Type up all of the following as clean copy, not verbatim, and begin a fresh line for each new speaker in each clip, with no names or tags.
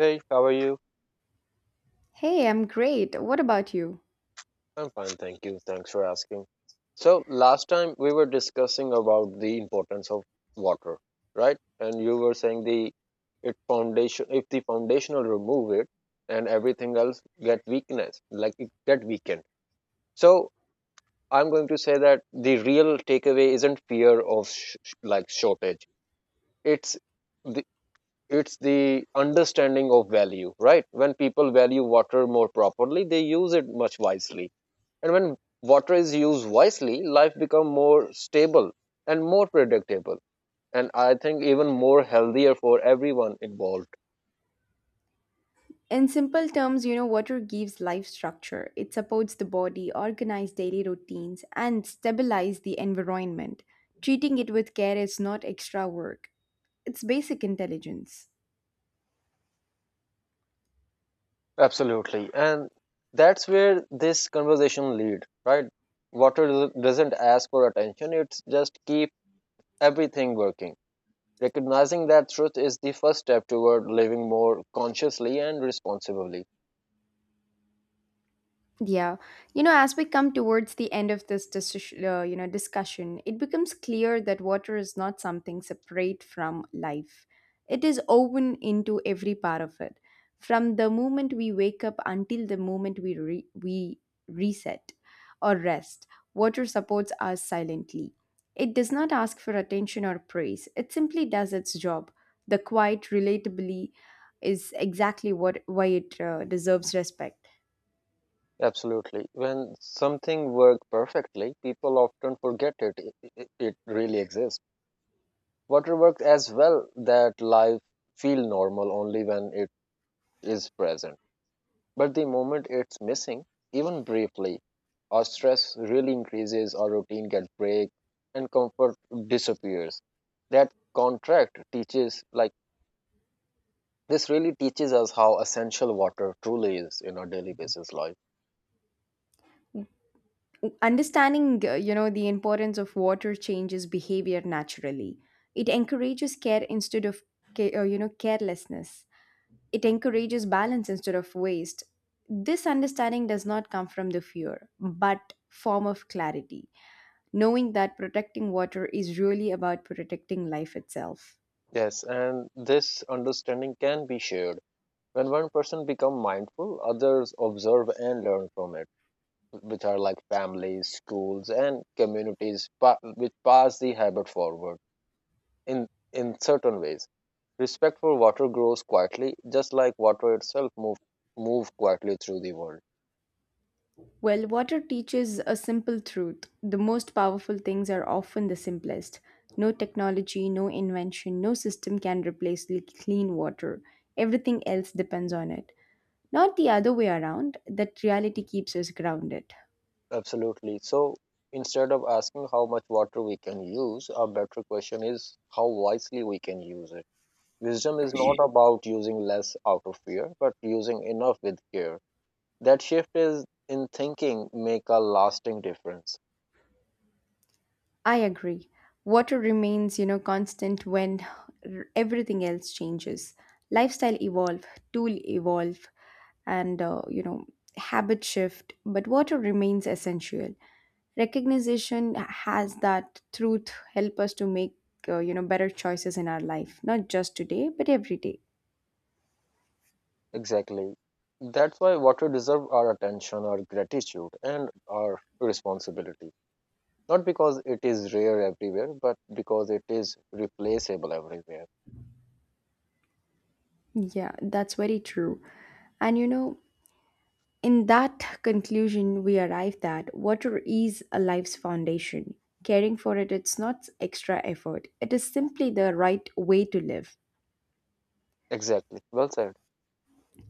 Hey, how are you?
Hey, I'm great. What about you?
I'm fine, thank you. Thanks for asking. So, last time we were discussing about the importance of water, right? And you were saying the it foundation if the foundation will remove it and everything else get weakness, like it get weakened. So, I'm going to say that the real takeaway isn't fear of like shortage. It's the it's the understanding of value, right? When people value water more properly, they use it much wisely. And when water is used wisely, life becomes more stable and more predictable. And I think even more healthier for everyone involved.
In simple terms, you know, water gives life structure. It supports the body, organizes daily routines, and stabilizes the environment. Treating it with care is not extra work, it's basic intelligence.
Absolutely. And that's where this conversation lead, right? Water doesn't ask for attention. It's just keep everything working. Recognizing that truth is the first step toward living more consciously and responsibly.
Yeah, you know, as we come towards the end of this decision, you know, discussion, it becomes clear that water is not something separate from life. It is woven into every part of it, from the moment we wake up until the moment we reset or rest. Water supports us silently. It does not ask for attention or praise. It simply does its job. The quiet, relatably, is exactly what why it deserves respect.
Absolutely. When something works perfectly, people often forget it really exists. Water works as well that life feel normal only when it is present. But the moment it's missing, even briefly, our stress really increases, our routine gets break, and comfort disappears. That contract teaches like this really teaches us how essential water truly is in our daily basis life.
Understanding, you know, the importance of water changes behavior naturally. It encourages care instead of, you know, carelessness. It encourages balance instead of waste. This understanding does not come from the fear, but form of clarity. Knowing that protecting water is really about protecting life itself.
Yes, and this understanding can be shared. When one person become mindful, others observe and learn from it with our like families, schools, and communities, which pass the habit forward in in certain ways. Respect for water grows quietly, just like water itself move quietly through the world.
Well, water teaches a simple truth. The most powerful things are often the simplest. No technology, no invention, no system can replace clean water. Everything else depends on it. Not the other way around, that reality keeps us grounded.
Absolutely. So instead of asking how much water we can use, a better question is how wisely we can use it. Wisdom is not about using less out of fear, but using enough with care. That shift is in thinking make a lasting difference.
I agree. Water remains, you know, constant when everything else changes. Lifestyle evolve, tool evolve, and you know, habit shift, but water remains essential. Recognition has that truth help us to make you know, better choices in our life, not just today, but every day.
Exactly. That's why water deserves our attention, our gratitude, and our responsibility. Not because it is rare everywhere, but because it is replaceable everywhere.
Yeah, that's very true. And you know, in that conclusion, we arrive that water is a life's foundation. Caring for it, it's not extra effort. It is simply the right way to live.
Exactly. Well said.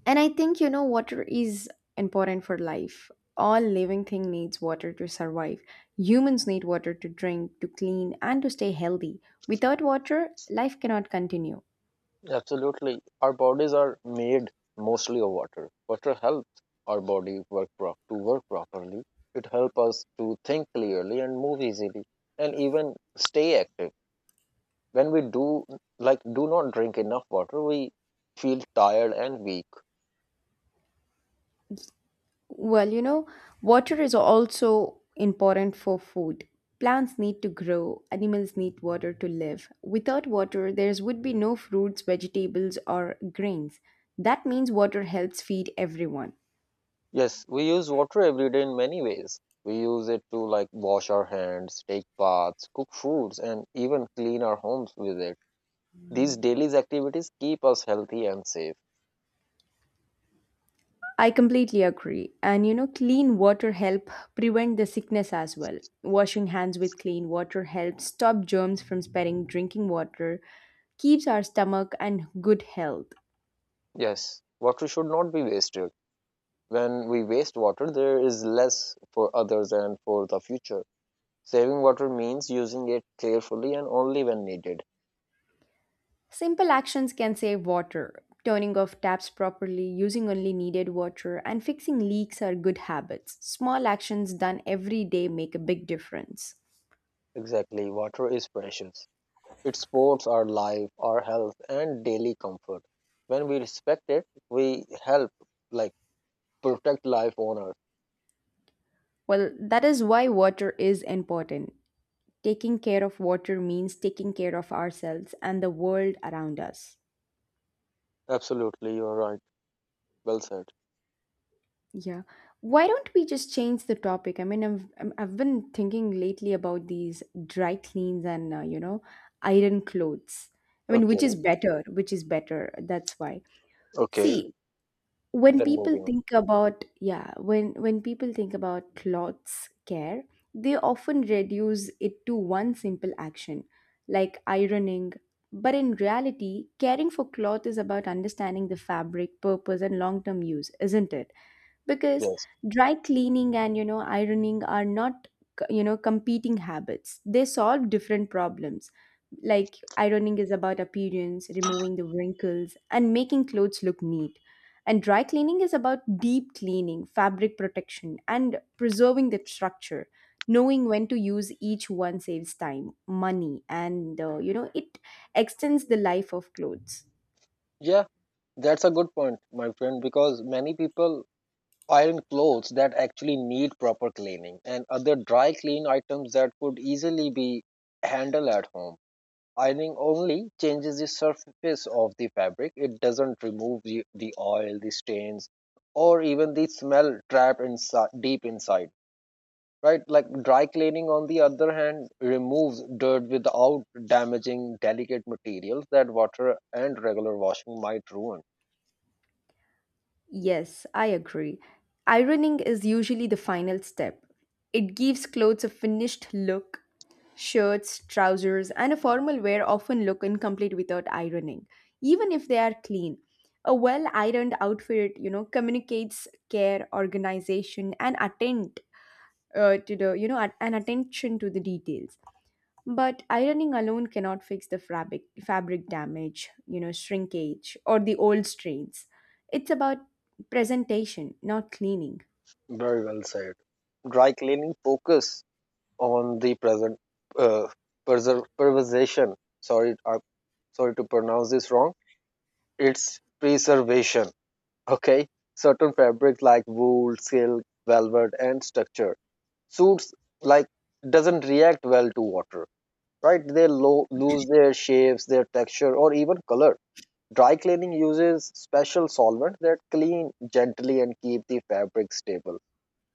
And I think, you know, water is important for life. All living thing needs water to survive. Humans need water to drink, to clean, and to stay healthy. Without water, life cannot continue.
Absolutely. Our bodies are made mostly of water. Water helps our body to work properly. It helps us to think clearly and move easily and even stay active. When we do not drink enough water, we feel tired and weak.
Well, you know, water is also important for food. Plants need to grow, animals need water to live. Without water, there would be no fruits, vegetables, or grains. That means water helps feed everyone.
Yes, we use water every day in many ways. We use it to like wash our hands, take baths, cook foods, and even clean our homes with it. These daily activities keep us healthy and safe.
I completely agree. And you know, clean water help prevent the sickness as well. Washing hands with clean water helps stop germs from spreading. Drinking water keeps our stomach and good health.
Yes, water should not be wasted. When we waste water, there is less for others and for the future. Saving water means using it carefully and only when needed.
Simple actions can save water. Turning off taps properly, using only needed water, and fixing leaks are good habits. Small actions done every day make a big difference.
Exactly, water is precious. It supports our life, our health, and daily comfort. When we respect it, we help like protect life on earth.
Well, that is why water is important. Taking care of water means taking care of ourselves and the world around us.
Absolutely, you're right. Well said.
Yeah. Why don't we just change the topic? I mean, I've been thinking lately about these dry cleans and, you know, iron clothes. I mean, which is
Okay,
better? Which is better? That's why.
okay.
See, when
Then
people
moving on.
think about yeah, when people think about clothes care, they often reduce it to one simple action, like ironing. But in reality, caring for cloth is about understanding the fabric, purpose, and long-term use, isn't it? Because
Yes.
dry cleaning and you know ironing are not you know competing habits. They solve different problems. Like ironing is about appearance, removing the wrinkles and making clothes look neat, and dry cleaning is about deep cleaning, fabric protection, and preserving the structure. Knowing when to use each one saves time, money, and you know, it extends the life of clothes.
Yeah, that's a good point, my friend, because many people iron clothes that actually need proper cleaning and other dry clean items that could easily be handled at home. Ironing only changes the surface of the fabric. It doesn't remove the oil, the stains, or even the smell trapped inside, deep inside. Right? Like dry cleaning, on the other hand, removes dirt without damaging delicate materials that water and regular washing might ruin.
Yes, I agree. Ironing is usually the final step. It gives clothes a finished look. Shirts, trousers, and a formal wear often look incomplete without ironing, even if they are clean. A well ironed outfit, you know, communicates care, organization, and attend to the, you know, and attention to the details. But ironing alone cannot fix the fabric damage, you know, shrinkage, or the old strains. It's about presentation, not cleaning.
Very well said. Dry cleaning focus on the present uh, preservation. Sorry, I'm sorry to pronounce this wrong. It's preservation. Okay, certain fabrics like wool, silk, velvet, and structure suits like doesn't react well to water, right? They lose their shapes, their texture, or even color. Dry cleaning uses special solvent that clean gently and keep the fabric stable.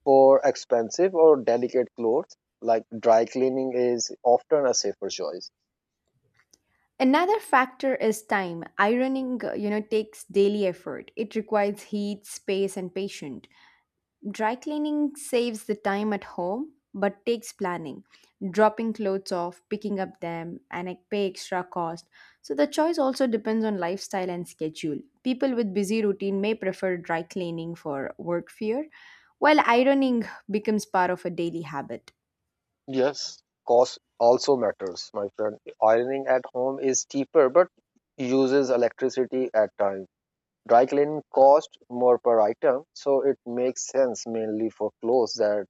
For expensive or delicate clothes, like dry cleaning is often a safer choice.
Another factor is time. Ironing, you know, takes daily effort. It requires heat, space, and patience. Dry cleaning saves the time at home but takes planning, dropping clothes off, picking up them, and I pay extra cost. So the choice also depends on lifestyle and schedule. People with busy routine may prefer dry cleaning for work fear, while ironing becomes part of a daily habit.
Yes, cost also matters, my friend. Ironing at home is cheaper but uses electricity at times. Dry cleaning costs more per item, so it makes sense mainly for clothes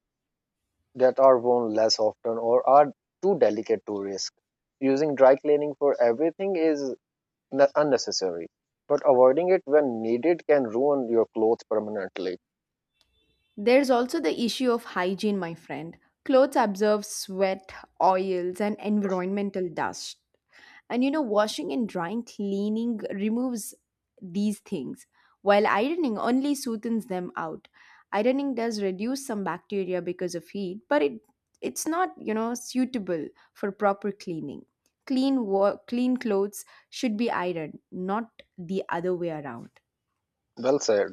that are worn less often or are too delicate to risk. Using dry cleaning for everything is unnecessary, but avoiding it when needed can ruin your clothes permanently.
There's also the issue of hygiene, my friend. Clothes absorb sweat, oils, and environmental dust. And you know, washing and drying, cleaning removes these things, while ironing only soothes them out. Ironing does reduce some bacteria because of heat, but it's not, you know, suitable for proper cleaning. Clean clothes should be ironed, not the other way around.
Well said.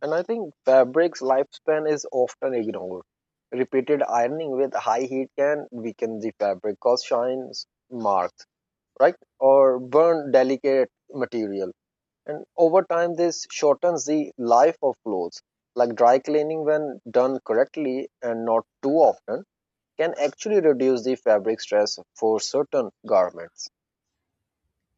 And I think fabric's lifespan is often ignored. Repeated ironing with high heat can weaken the fabric, cause shines marks, right? Or burn delicate material. And over time, this shortens the life of clothes. Like dry cleaning, when done correctly and not too often, can actually reduce the fabric stress for certain garments.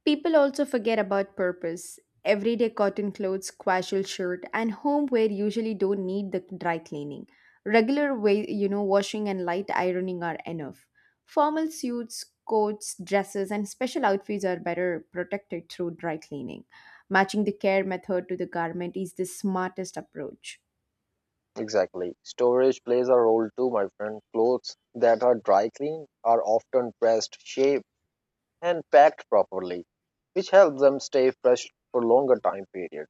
People also forget about purpose. Everyday cotton clothes, casual shirt, and homeware usually don't need the dry cleaning. Regular way, you know, washing and light ironing are enough. Formal suits, coats, dresses, and special outfits are better protected through dry cleaning. Matching the care method to the garment is the smartest approach.
Exactly. Storage plays a role too, my friend. Clothes that are dry cleaned are often pressed, shaped, and packed properly, which helps them stay fresh for longer time period.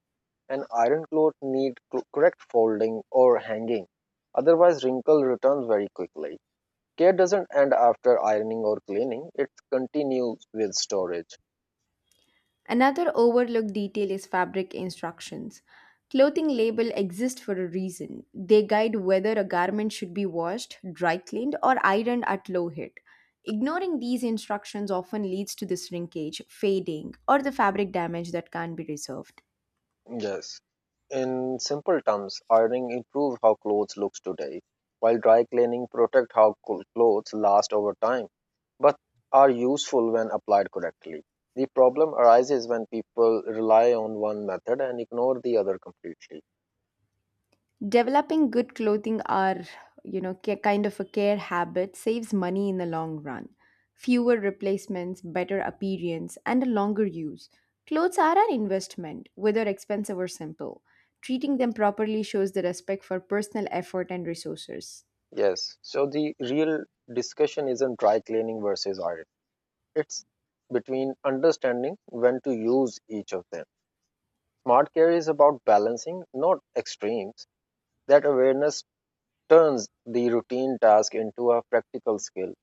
And iron clothes need correct folding or hanging, otherwise wrinkle returns very quickly. Care doesn't end after ironing or cleaning; it continues with storage.
Another overlooked detail is fabric instructions. Clothing labels exist for a reason. They guide whether a garment should be washed, dry cleaned, or ironed at low heat. Ignoring these instructions often leads to the shrinkage, fading, or the fabric damage that can't be resolved.
Yes. In simple terms, ironing improves how clothes looks today, while dry cleaning protect how clothes last over time, but are useful when applied correctly. The problem arises when people rely on one method and ignore the other completely.
Developing good clothing are, you know, kind of a care habit saves money in the long run. Fewer replacements, better appearance, and a longer use. Clothes are an investment, whether expensive or simple. Treating them properly shows the respect for personal effort and resources.
Yes, so the real discussion isn't dry cleaning versus iron. It's between understanding when to use each of them. Smart care is about balancing, not extremes. That awareness turns the routine task into a practical skill.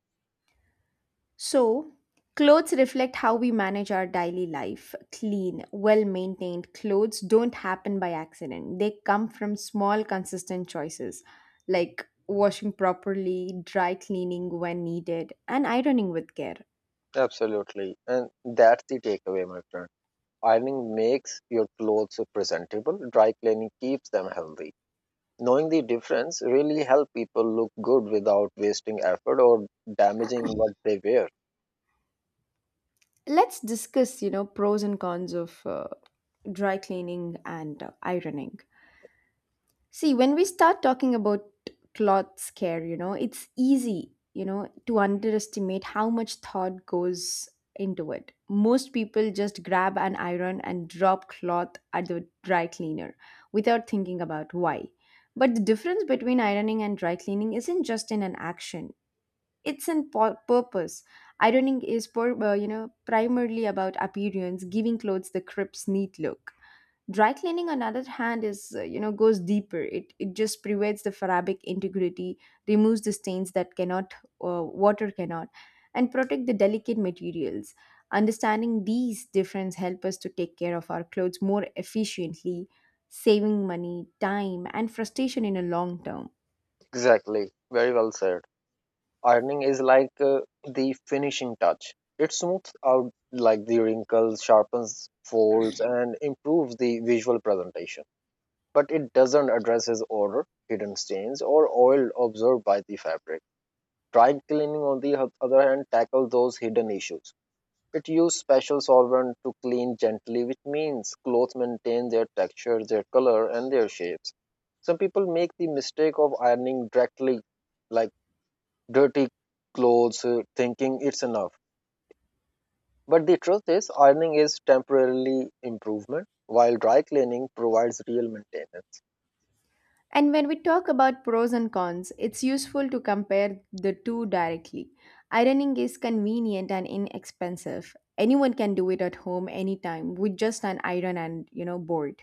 So, clothes reflect how we manage our daily life. Clean, well maintained clothes don't happen by accident, they come from small, consistent choices like washing properly, dry cleaning when needed, and ironing with care.
Absolutely. And that's the takeaway, my friend. Ironing makes your clothes so presentable, dry cleaning keeps them healthy. Knowing the difference really helps people look good without wasting effort or damaging what they wear.
Let's discuss, you know, pros and cons of dry cleaning and ironing. See, when we start talking about cloth care, you know, it's easy, you know, to underestimate how much thought goes into it. Most people just grab an iron and drop cloth at the dry cleaner without thinking about why. But the difference between ironing and dry cleaning isn't just in an action, it's in purpose. Ironing is, you know, primarily about appearance, giving clothes the crisp, neat look. Dry cleaning on the other hand is you know, goes deeper. It just prevents the fabric integrity, removes the stains that cannot water cannot, and protect the delicate materials. Understanding these difference help us to take care of our clothes more efficiently, saving money, time, and frustration in a long term.
Exactly. Very well said. Ironing is like the finishing touch. It smooths out like the wrinkles, sharpens folds, and improves the visual presentation. But it doesn't address his odor, hidden stains, or oil observed by the fabric. Dry cleaning, on the other hand, tackles those hidden issues. It uses special solvent to clean gently, which means clothes maintain their texture, their color, and their shapes. Some people make the mistake of ironing directly, like dirty clothes, thinking it's enough. But the truth is, ironing is temporarily improvement, while dry cleaning provides real maintenance.
And when we talk about pros and cons, it's useful to compare the two directly. Ironing is convenient and inexpensive. Anyone can do it at home anytime with just an iron and, you know, board.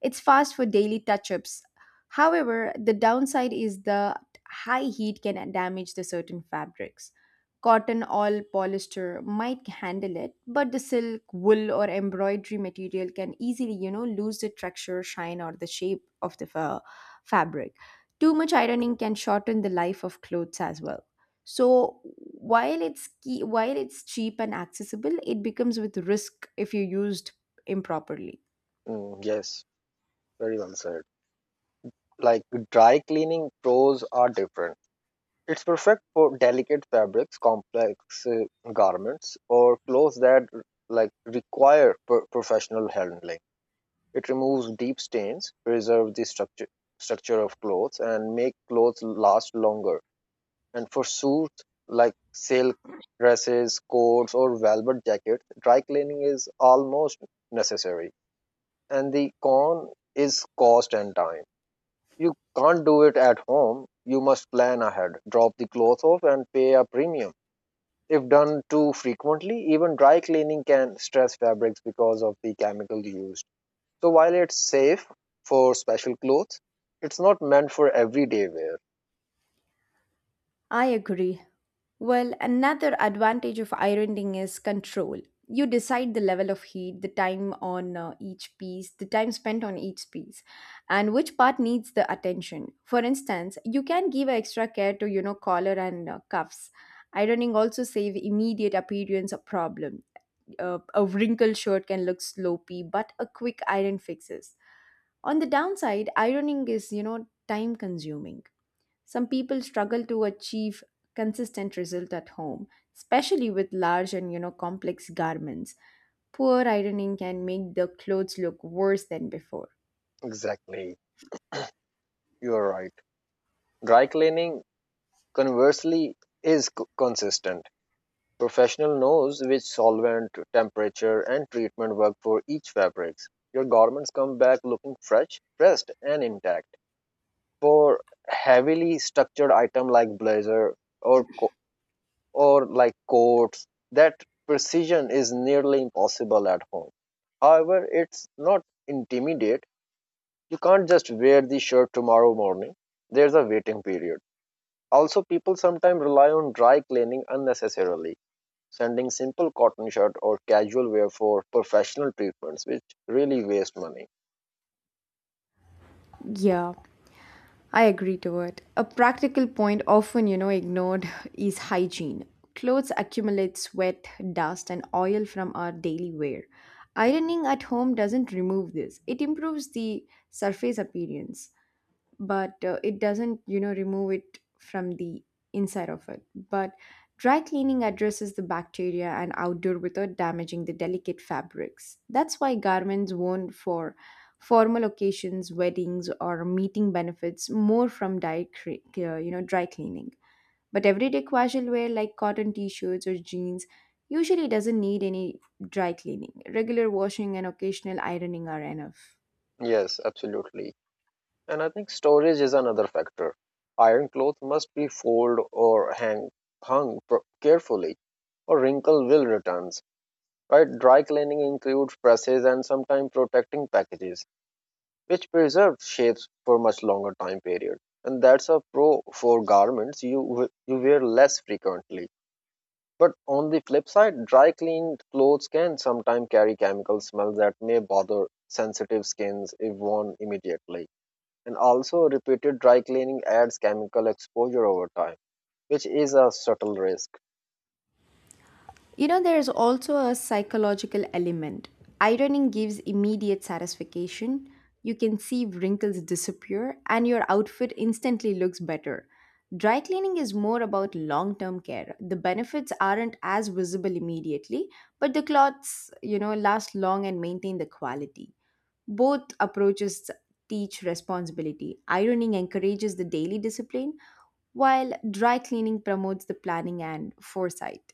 It's fast for daily touch ups. However, the downside is the high heat can damage the certain fabrics. Cotton or polyester might handle it, but the silk, wool, or embroidery material can easily, you know, lose the texture, shine, or the shape of the fabric. Too much ironing can shorten the life of clothes as well. So while it's key, while it's cheap and accessible, it becomes with risk if you used improperly.
Yes, very well said. Like dry cleaning pros are different. It's perfect for delicate fabrics, complex garments, or clothes that like require professional handling. It removes deep stains, preserves the structure of clothes, and make clothes last longer. And for suits like silk dresses, coats, or velvet jackets, dry cleaning is almost necessary. And the con is cost and time. You can't do it at home. You must plan ahead, drop the clothes off, and pay a premium. If done too frequently, even dry cleaning can stress fabrics because of the chemical used. So, while it's safe for special clothes, it's not meant for everyday wear.
I agree. Well, another advantage of ironing is control. You decide the level of heat, the time on each piece, the time spent on each piece, and which part needs the attention. For instance, you can give extra care to, you know, collar and cuffs. Ironing also save immediate appearance of problem. A wrinkled shirt can look sloppy, but a quick iron fixes. On the downside, ironing is, you know, time consuming. Some people struggle to achieve consistent result at home, especially with large and you know complex garments. Poor ironing can make the clothes look worse than before.
Exactly. You're right. Dry cleaning, conversely, is consistent. Professional knows which solvent, temperature, and treatment work for each fabrics. Your garments come back looking fresh, pressed, and intact. For heavily structured item like blazer or coats, that precision is nearly impossible at home. However, it's not intimidate. You can't just wear the shirt tomorrow morning. There's a waiting period. Also, people sometimes rely on dry cleaning unnecessarily, sending simple cotton shirt or casual wear for professional treatments, which really waste money.
Yeah, I agree to it. A practical point often, you know, ignored is hygiene. Clothes accumulate sweat, dust, and oil from our daily wear. Ironing at home doesn't remove this. It improves the surface appearance, but it doesn't you know remove it from the inside of it. But dry cleaning addresses the bacteria and outdoor without damaging the delicate fabrics. That's why garments worn for formal occasions, weddings, or meeting benefits more from you know, dry cleaning. But everyday casual wear like cotton t-shirts or jeans usually doesn't need any dry cleaning. Regular washing and occasional ironing are enough.
Yes, absolutely. And I think storage is another factor. Iron clothes must be folded or hung carefully, or wrinkle will returns. Right? Dry cleaning includes presses and sometimes protecting packages, which preserve shapes for much longer time period. And that's a pro for garments you wear less frequently. But on the flip side, dry cleaned clothes can sometimes carry chemical smells that may bother sensitive skins if worn immediately, and also, repeated dry cleaning adds chemical exposure over time, which is a subtle risk.
You know, there's also a psychological element. Ironing gives immediate satisfaction. You can see wrinkles disappear and your outfit instantly looks better. Dry cleaning is more about long term care. The benefits aren't as visible immediately, but the clothes, you know, last long and maintain the quality. Both approaches teach responsibility. Ironing encourages the daily discipline, while dry cleaning promotes the planning and foresight.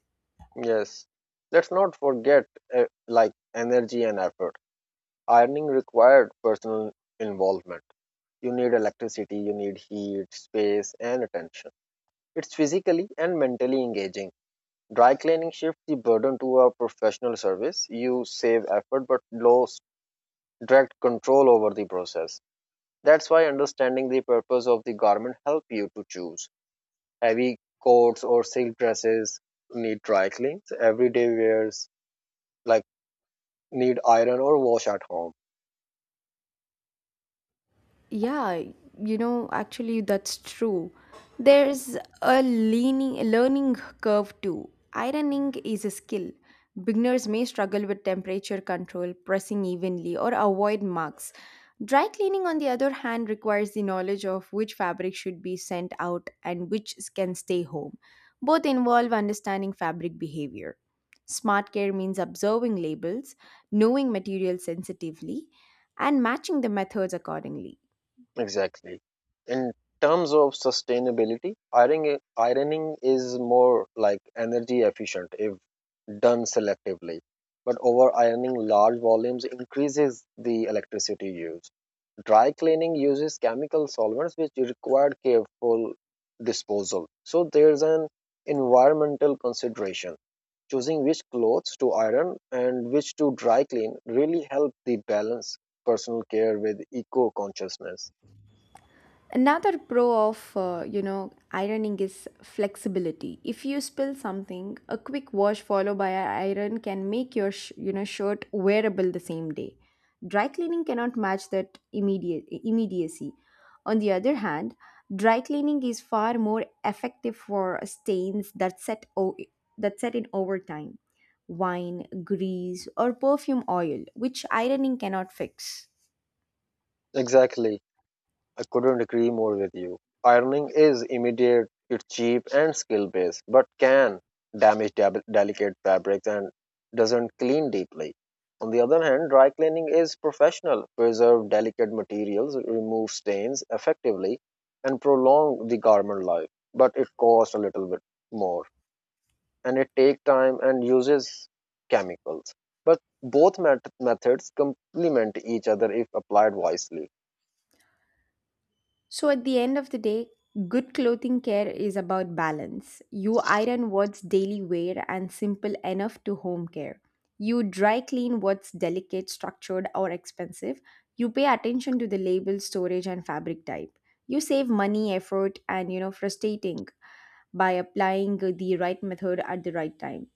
Yes, let's not forget like energy and effort. Ironing required personal involvement. You need electricity, you need heat, space, and attention. It's physically and mentally engaging. Dry cleaning shifts the burden to a professional service. You save effort but lose direct control over the process. That's why understanding the purpose of the garment help you to choose. Heavy coats or silk dresses need dry cleans. Everyday wears like need iron or wash at home.
Yeah, you know, actually, that's true. There's a learning curve too. Ironing is a skill. Beginners may struggle with temperature control, pressing evenly, or avoid marks. Dry cleaning, on the other hand, requires the knowledge of which fabric should be sent out and which can stay home. Both involve understanding fabric behavior. Smart care means observing labels, knowing material sensitively, and matching the methods accordingly.
Exactly. In terms of sustainability, ironing is more like energy efficient if done selectively. But over ironing large volumes increases the electricity use. Dry cleaning uses chemical solvents which require careful disposal. So there's an environmental consideration. Choosing which clothes to iron and which to dry clean really help the balance personal care with eco consciousness.
Another pro of ironing is flexibility. If you spill something, a quick wash followed by an iron can make your shirt wearable the same day. Dry cleaning cannot match that immediate immediacy. On the other hand, dry cleaning is far more effective for stains that that set in over time: wine, grease, or perfume oil, which ironing cannot fix.
Exactly. I couldn't agree more with you. Ironing is immediate, it's cheap and skill based, but can damage delicate fabrics and doesn't clean deeply. On the other hand, dry cleaning is professional, preserve delicate materials, remove stains effectively, and prolong the garment life, but it costs a little bit more. And it take time and uses chemicals, but both methods complement each other if applied wisely.
So, at the end of the day, good clothing care is about balance. You iron what's daily wear and simple enough to home care. You dry clean what's delicate, structured, or expensive. You pay attention to the label, storage, and fabric type. You save money, effort, and frustrating, by applying the right method at the right time.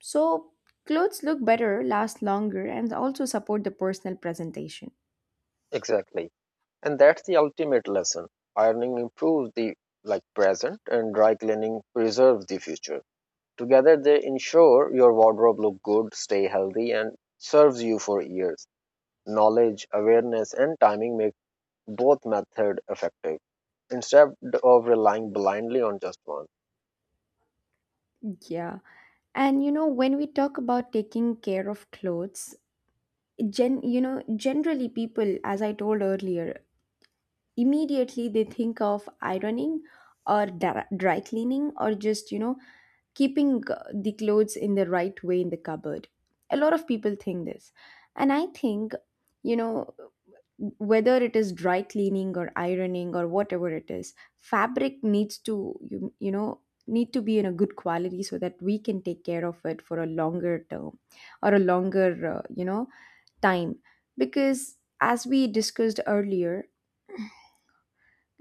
So, clothes look better, last longer, and also support the personal presentation.
Exactly. And that's the ultimate lesson. Ironing improves the, like, present, and dry cleaning preserves the future. Together they ensure your wardrobe look good, stay healthy, and serves you for years. Knowledge, awareness, and timing make both method effective instead of relying blindly on just one.
Yeah. And you know, when we talk about taking care of clothes, generally people, as I told earlier, immediately they think of ironing or dry cleaning or just, you know, keeping the clothes in the right way in the cupboard. A lot of people think this. And I think, you know, whether it is dry cleaning or ironing or whatever it is, fabric needs to need to be in a good quality so that we can take care of it for a longer term or a longer, time. Because as we discussed earlier,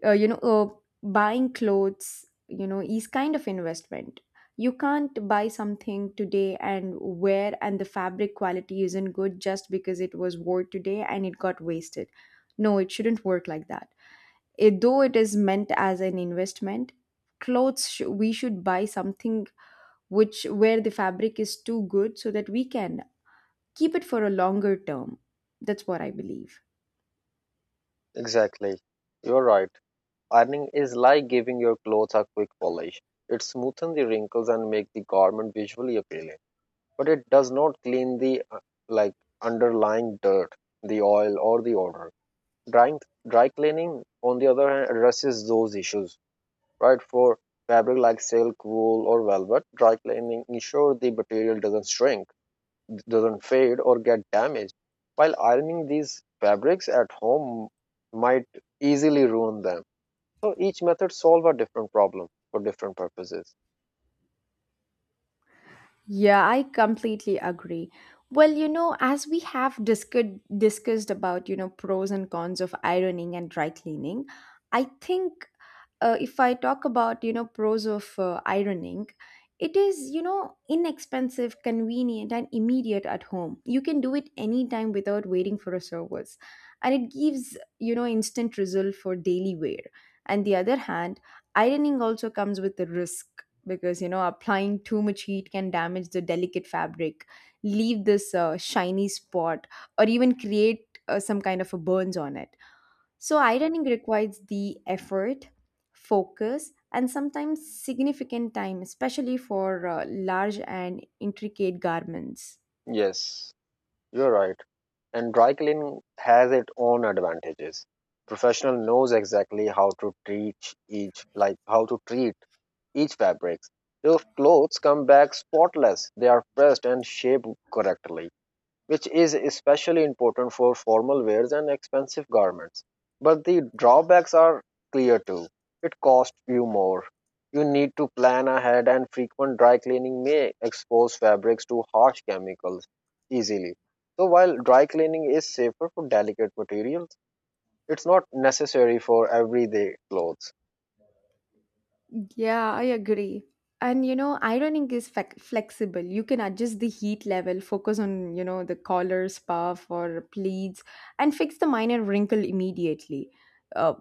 uh, you know uh, buying clothes, you know, is kind of investment. You can't buy something today and wear, and the fabric quality isn't good just because it was worn today and it got wasted. No, it shouldn't work like that. Though it is meant as an investment, we should buy something which, where the fabric is too good, so that we can keep it for a longer term. That's what I believe.
Exactly. You're right. Ironing is like giving your clothes a quick polish. It smoothens the wrinkles and makes the garment visually appealing, but it does not clean the like underlying dirt, the oil or the odor. Drying, dry cleaning, on the other hand, addresses those issues. Right. For fabric like silk, wool, or velvet, dry cleaning ensures the material doesn't shrink, doesn't fade, or get damaged. While ironing these fabrics at home might easily ruin them, so each method solve a different problem for different purposes.
Yeah, I completely agree. Well, you know, as we have discussed about, you know, pros and cons of ironing and dry cleaning, I think, if I talk about, you know, pros of ironing, it is, you know, inexpensive, convenient, and immediate at home. You can do it anytime without waiting for a service. And it gives, you know, instant result for daily wear. On the other hand, ironing also comes with a risk, because, you know, applying too much heat can damage the delicate fabric, leave this shiny spot, or even create some kind of a burns on it. So ironing requires the effort, focus, and sometimes significant time, especially for large and intricate garments.
Yes, you're right. And dry cleaning has its own advantages. Professional knows exactly how to treat each, like how to treat each fabrics. Your clothes come back spotless. They are pressed and shaped correctly, which is especially important for formal wears and expensive garments. But the drawbacks are clear too. It costs you more. You need to plan ahead, and frequent dry cleaning may expose fabrics to harsh chemicals easily. So, while dry cleaning is safer for delicate materials, it's not necessary for everyday clothes.
Yeah, I agree. And you know, ironing is flexible. You can adjust the heat level, focus on, you know, the collars, puff, or pleats, and fix the minor wrinkle immediately. Uh,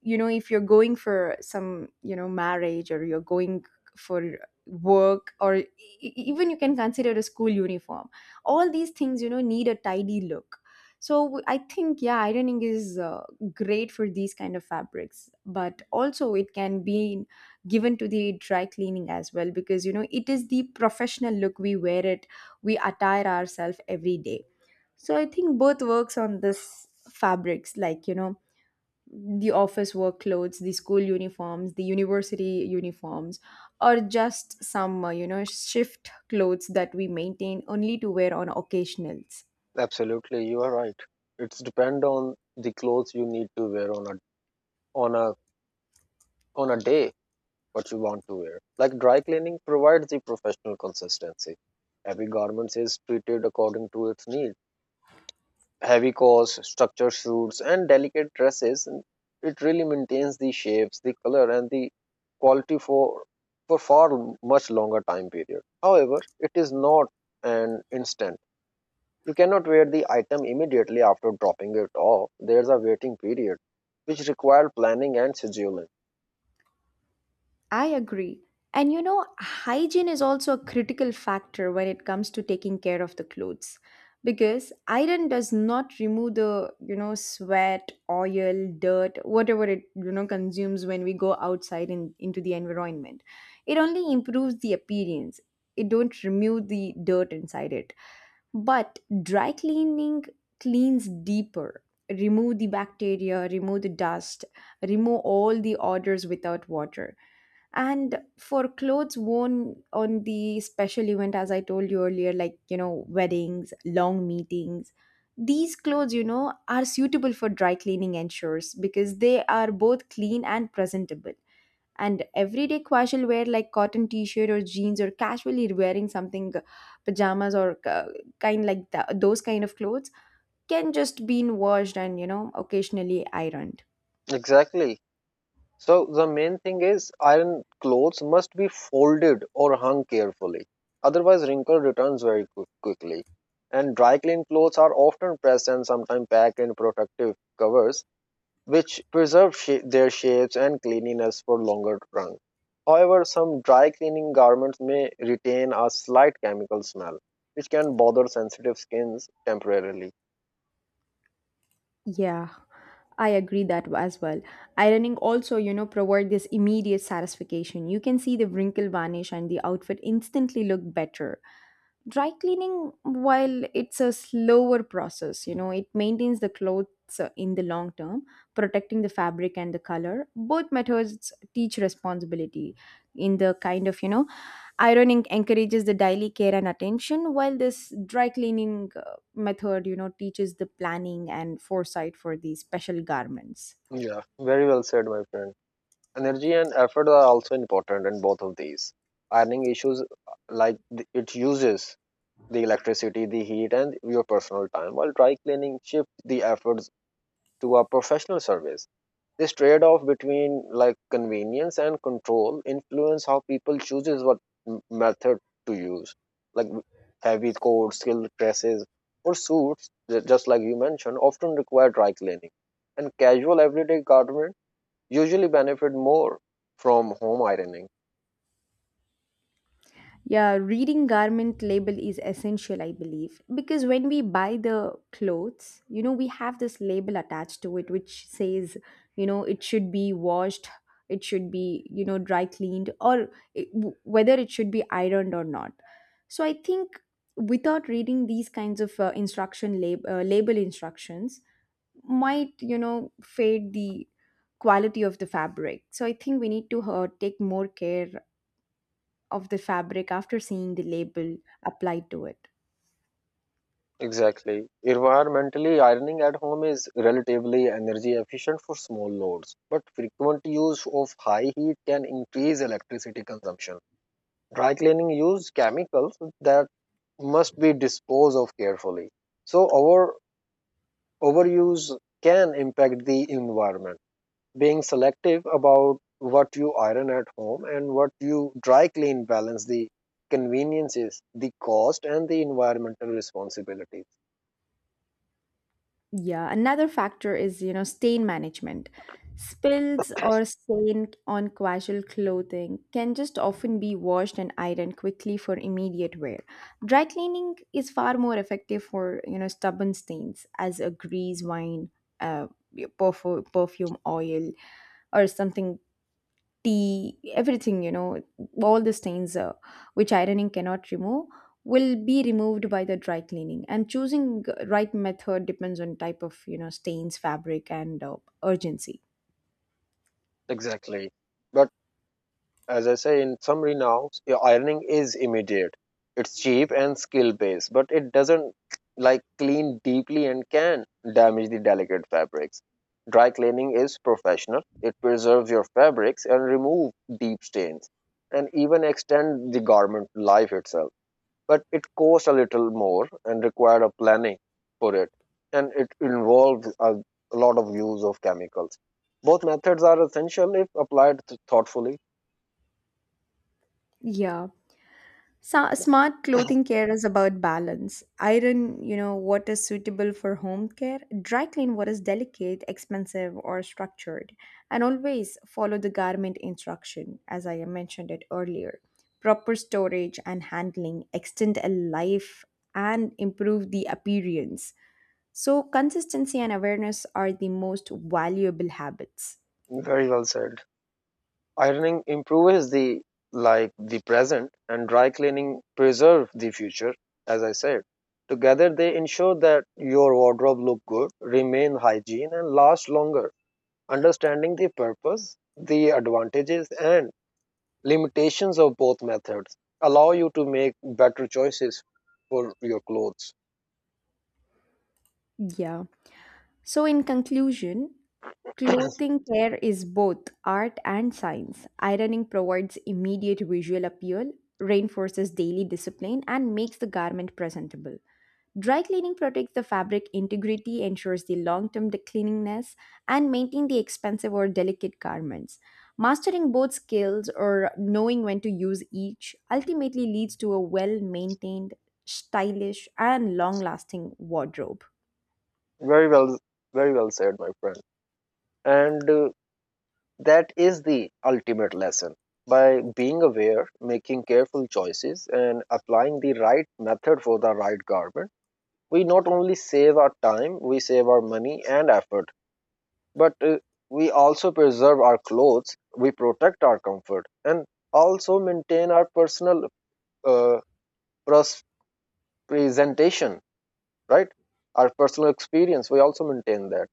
you know, if you're going for some, you know, marriage, or you're going for work, or even you can consider a school uniform, all these things, you know, need a tidy look. So I think, yeah, ironing is great for these kind of fabrics, but also it can be given to the dry cleaning as well, because you know it is the professional look. We wear it, we attire ourselves every day. So I think both works on this fabrics, like, you know, the office work clothes, the school uniforms, the university uniforms, or just some shift clothes that we maintain only to wear on occasionals.
Absolutely, you are right. It's depend on the clothes you need to wear on a on a on a day, what you want to wear. Like dry cleaning provides the professional consistency. Every garment is treated according to its need. Heavy coats, structured suits, and delicate dresses, it really maintains the shapes, the color, and the quality for far much longer time period. However, it is not an instant. You cannot wear the item immediately after dropping it off. There's a waiting period, which require planning and scheduling.
I agree. And you know, hygiene is also a critical factor when it comes to taking care of the clothes, because iron does not remove the, you know, sweat, oil, dirt, whatever it, you know, consumes when we go outside and into the environment. It only improves the appearance. It don't remove the dirt inside it. But dry cleaning cleans deeper. Remove the bacteria, remove the dust, remove all the odors without water. And for clothes worn on the special event, as I told you earlier, like, you know, weddings, long meetings, these clothes, you know, are suitable for dry cleaning ensures, because they are both clean and presentable. And everyday casual wear, like cotton t-shirt or jeans, or casually wearing something, pajamas, or kind like that, those kind of clothes can just be washed and, you know, occasionally ironed.
Exactly. So the main thing is iron clothes must be folded or hung carefully. Otherwise, wrinkle returns very quickly. And dry clean clothes are often pressed and sometimes packed in protective covers, which preserve their shapes and cleanliness for longer run. However, some dry cleaning garments may retain a slight chemical smell, which can bother sensitive skins temporarily.
Yeah, I agree that as well. Ironing also, you know, provide this immediate satisfaction. You can see the wrinkle vanish and the outfit instantly look better. Dry cleaning, while it's a slower process, you know, it maintains the clothes in the long term, protecting the fabric and the color. Both methods teach responsibility in the kind of, you know, ironing encourages the daily care and attention, while this dry cleaning method, you know, teaches the planning and foresight for these special garments.
Yeah, very well said, my friend. Energy and effort are also important in both of these. Ironing issues, like it uses the electricity, the heat, and your personal time, while dry cleaning shifts the efforts to a professional service. This trade off between, like, convenience and control influence how people chooses what method to use, like heavy coats, silk dresses, or suits, just like you mentioned, often require dry cleaning. And casual everyday garment usually benefit more from home ironing.
Yeah, reading garment label is essential, I believe, because when we buy the clothes, you know, we have this label attached to it which says, you know, it should be washed, it should be, you know, dry cleaned, or whether it should be ironed or not. So I think without reading these kinds of instruction label instructions might, you know, fade the quality of the fabric. So I think we need to take more care of the fabric after seeing the label applied to it.
Exactly. Environmentally, ironing at home is relatively energy efficient for small loads, but frequent use of high heat can increase electricity consumption. Dry cleaning use chemicals that must be disposed of carefully. So, our overuse can impact the environment. Being selective about what you iron at home and what you dry clean balance the conveniences, the cost, and the environmental responsibilities.
Yeah, another factor is, you know, stain management. Spills or stain on casual clothing can just often be washed and ironed quickly for immediate wear. Dry cleaning is far more effective for, you know, stubborn stains as a grease, wine, uh, perfume, oil, or something, tea, everything, you know, all the stains which ironing cannot remove will be removed by the dry cleaning. And choosing right method depends on type of, you know, stains, fabric, and urgency.
Exactly. But as I say in summary now, your ironing is immediate. It's cheap and skill based, but it doesn't, like, clean deeply and can damage the delicate fabrics. Dry cleaning is professional. It preserves your fabrics and remove deep stains and even extend the garment life itself, but it cost a little more and required a planning for it, and it involved a lot of use of chemicals. Both methods are essential if applied thoughtfully.
Yeah. So, smart clothing care is about balance. Iron, you know, what is suitable for home care. Dry clean what is delicate, expensive, or structured. And always follow the garment instruction, as I mentioned it earlier. Proper storage and handling extend a life and improve the appearance. So, consistency and awareness are the most valuable habits.
Very well said. Ironing improves the, like, the present, and dry cleaning preserve the future. As I said, together they ensure that your wardrobe look good, remain hygiene, and last longer. Understanding the purpose, the advantages, and limitations of both methods allow you to make better choices for your clothes.
Yeah. So, in conclusion, clothing care is both art and science. Ironing provides immediate visual appeal, reinforces daily discipline, and makes the garment presentable. Dry cleaning protects the fabric integrity, ensures the long term cleanliness, and maintains the expensive or delicate garments. Mastering both skills or knowing when to use each ultimately leads to a well maintained, stylish, and long lasting wardrobe.
Very well, very well said, my friend. And that is the ultimate lesson. By being aware, making careful choices, and applying the right method for the right garment, we not only save our time, we save our money and effort, but we also preserve our clothes, we protect our comfort, and also maintain our personal uh, pros- presentation, right? Our personal experience, we also maintain that.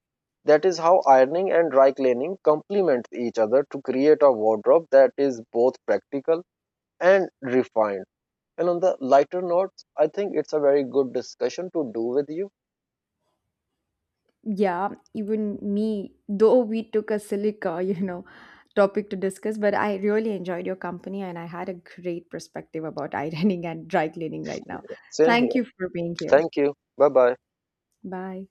That is how ironing and dry cleaning complement each other to create a wardrobe that is both practical and refined. And on the lighter notes, I think it's a very good discussion to do with you.
Yeah, even me, though we took a silica, you know, topic to discuss, but I really enjoyed your company and I had a great perspective about ironing and dry cleaning right now.
Same
Thank
here.
you for being here.
Thank you. Bye bye.
Bye.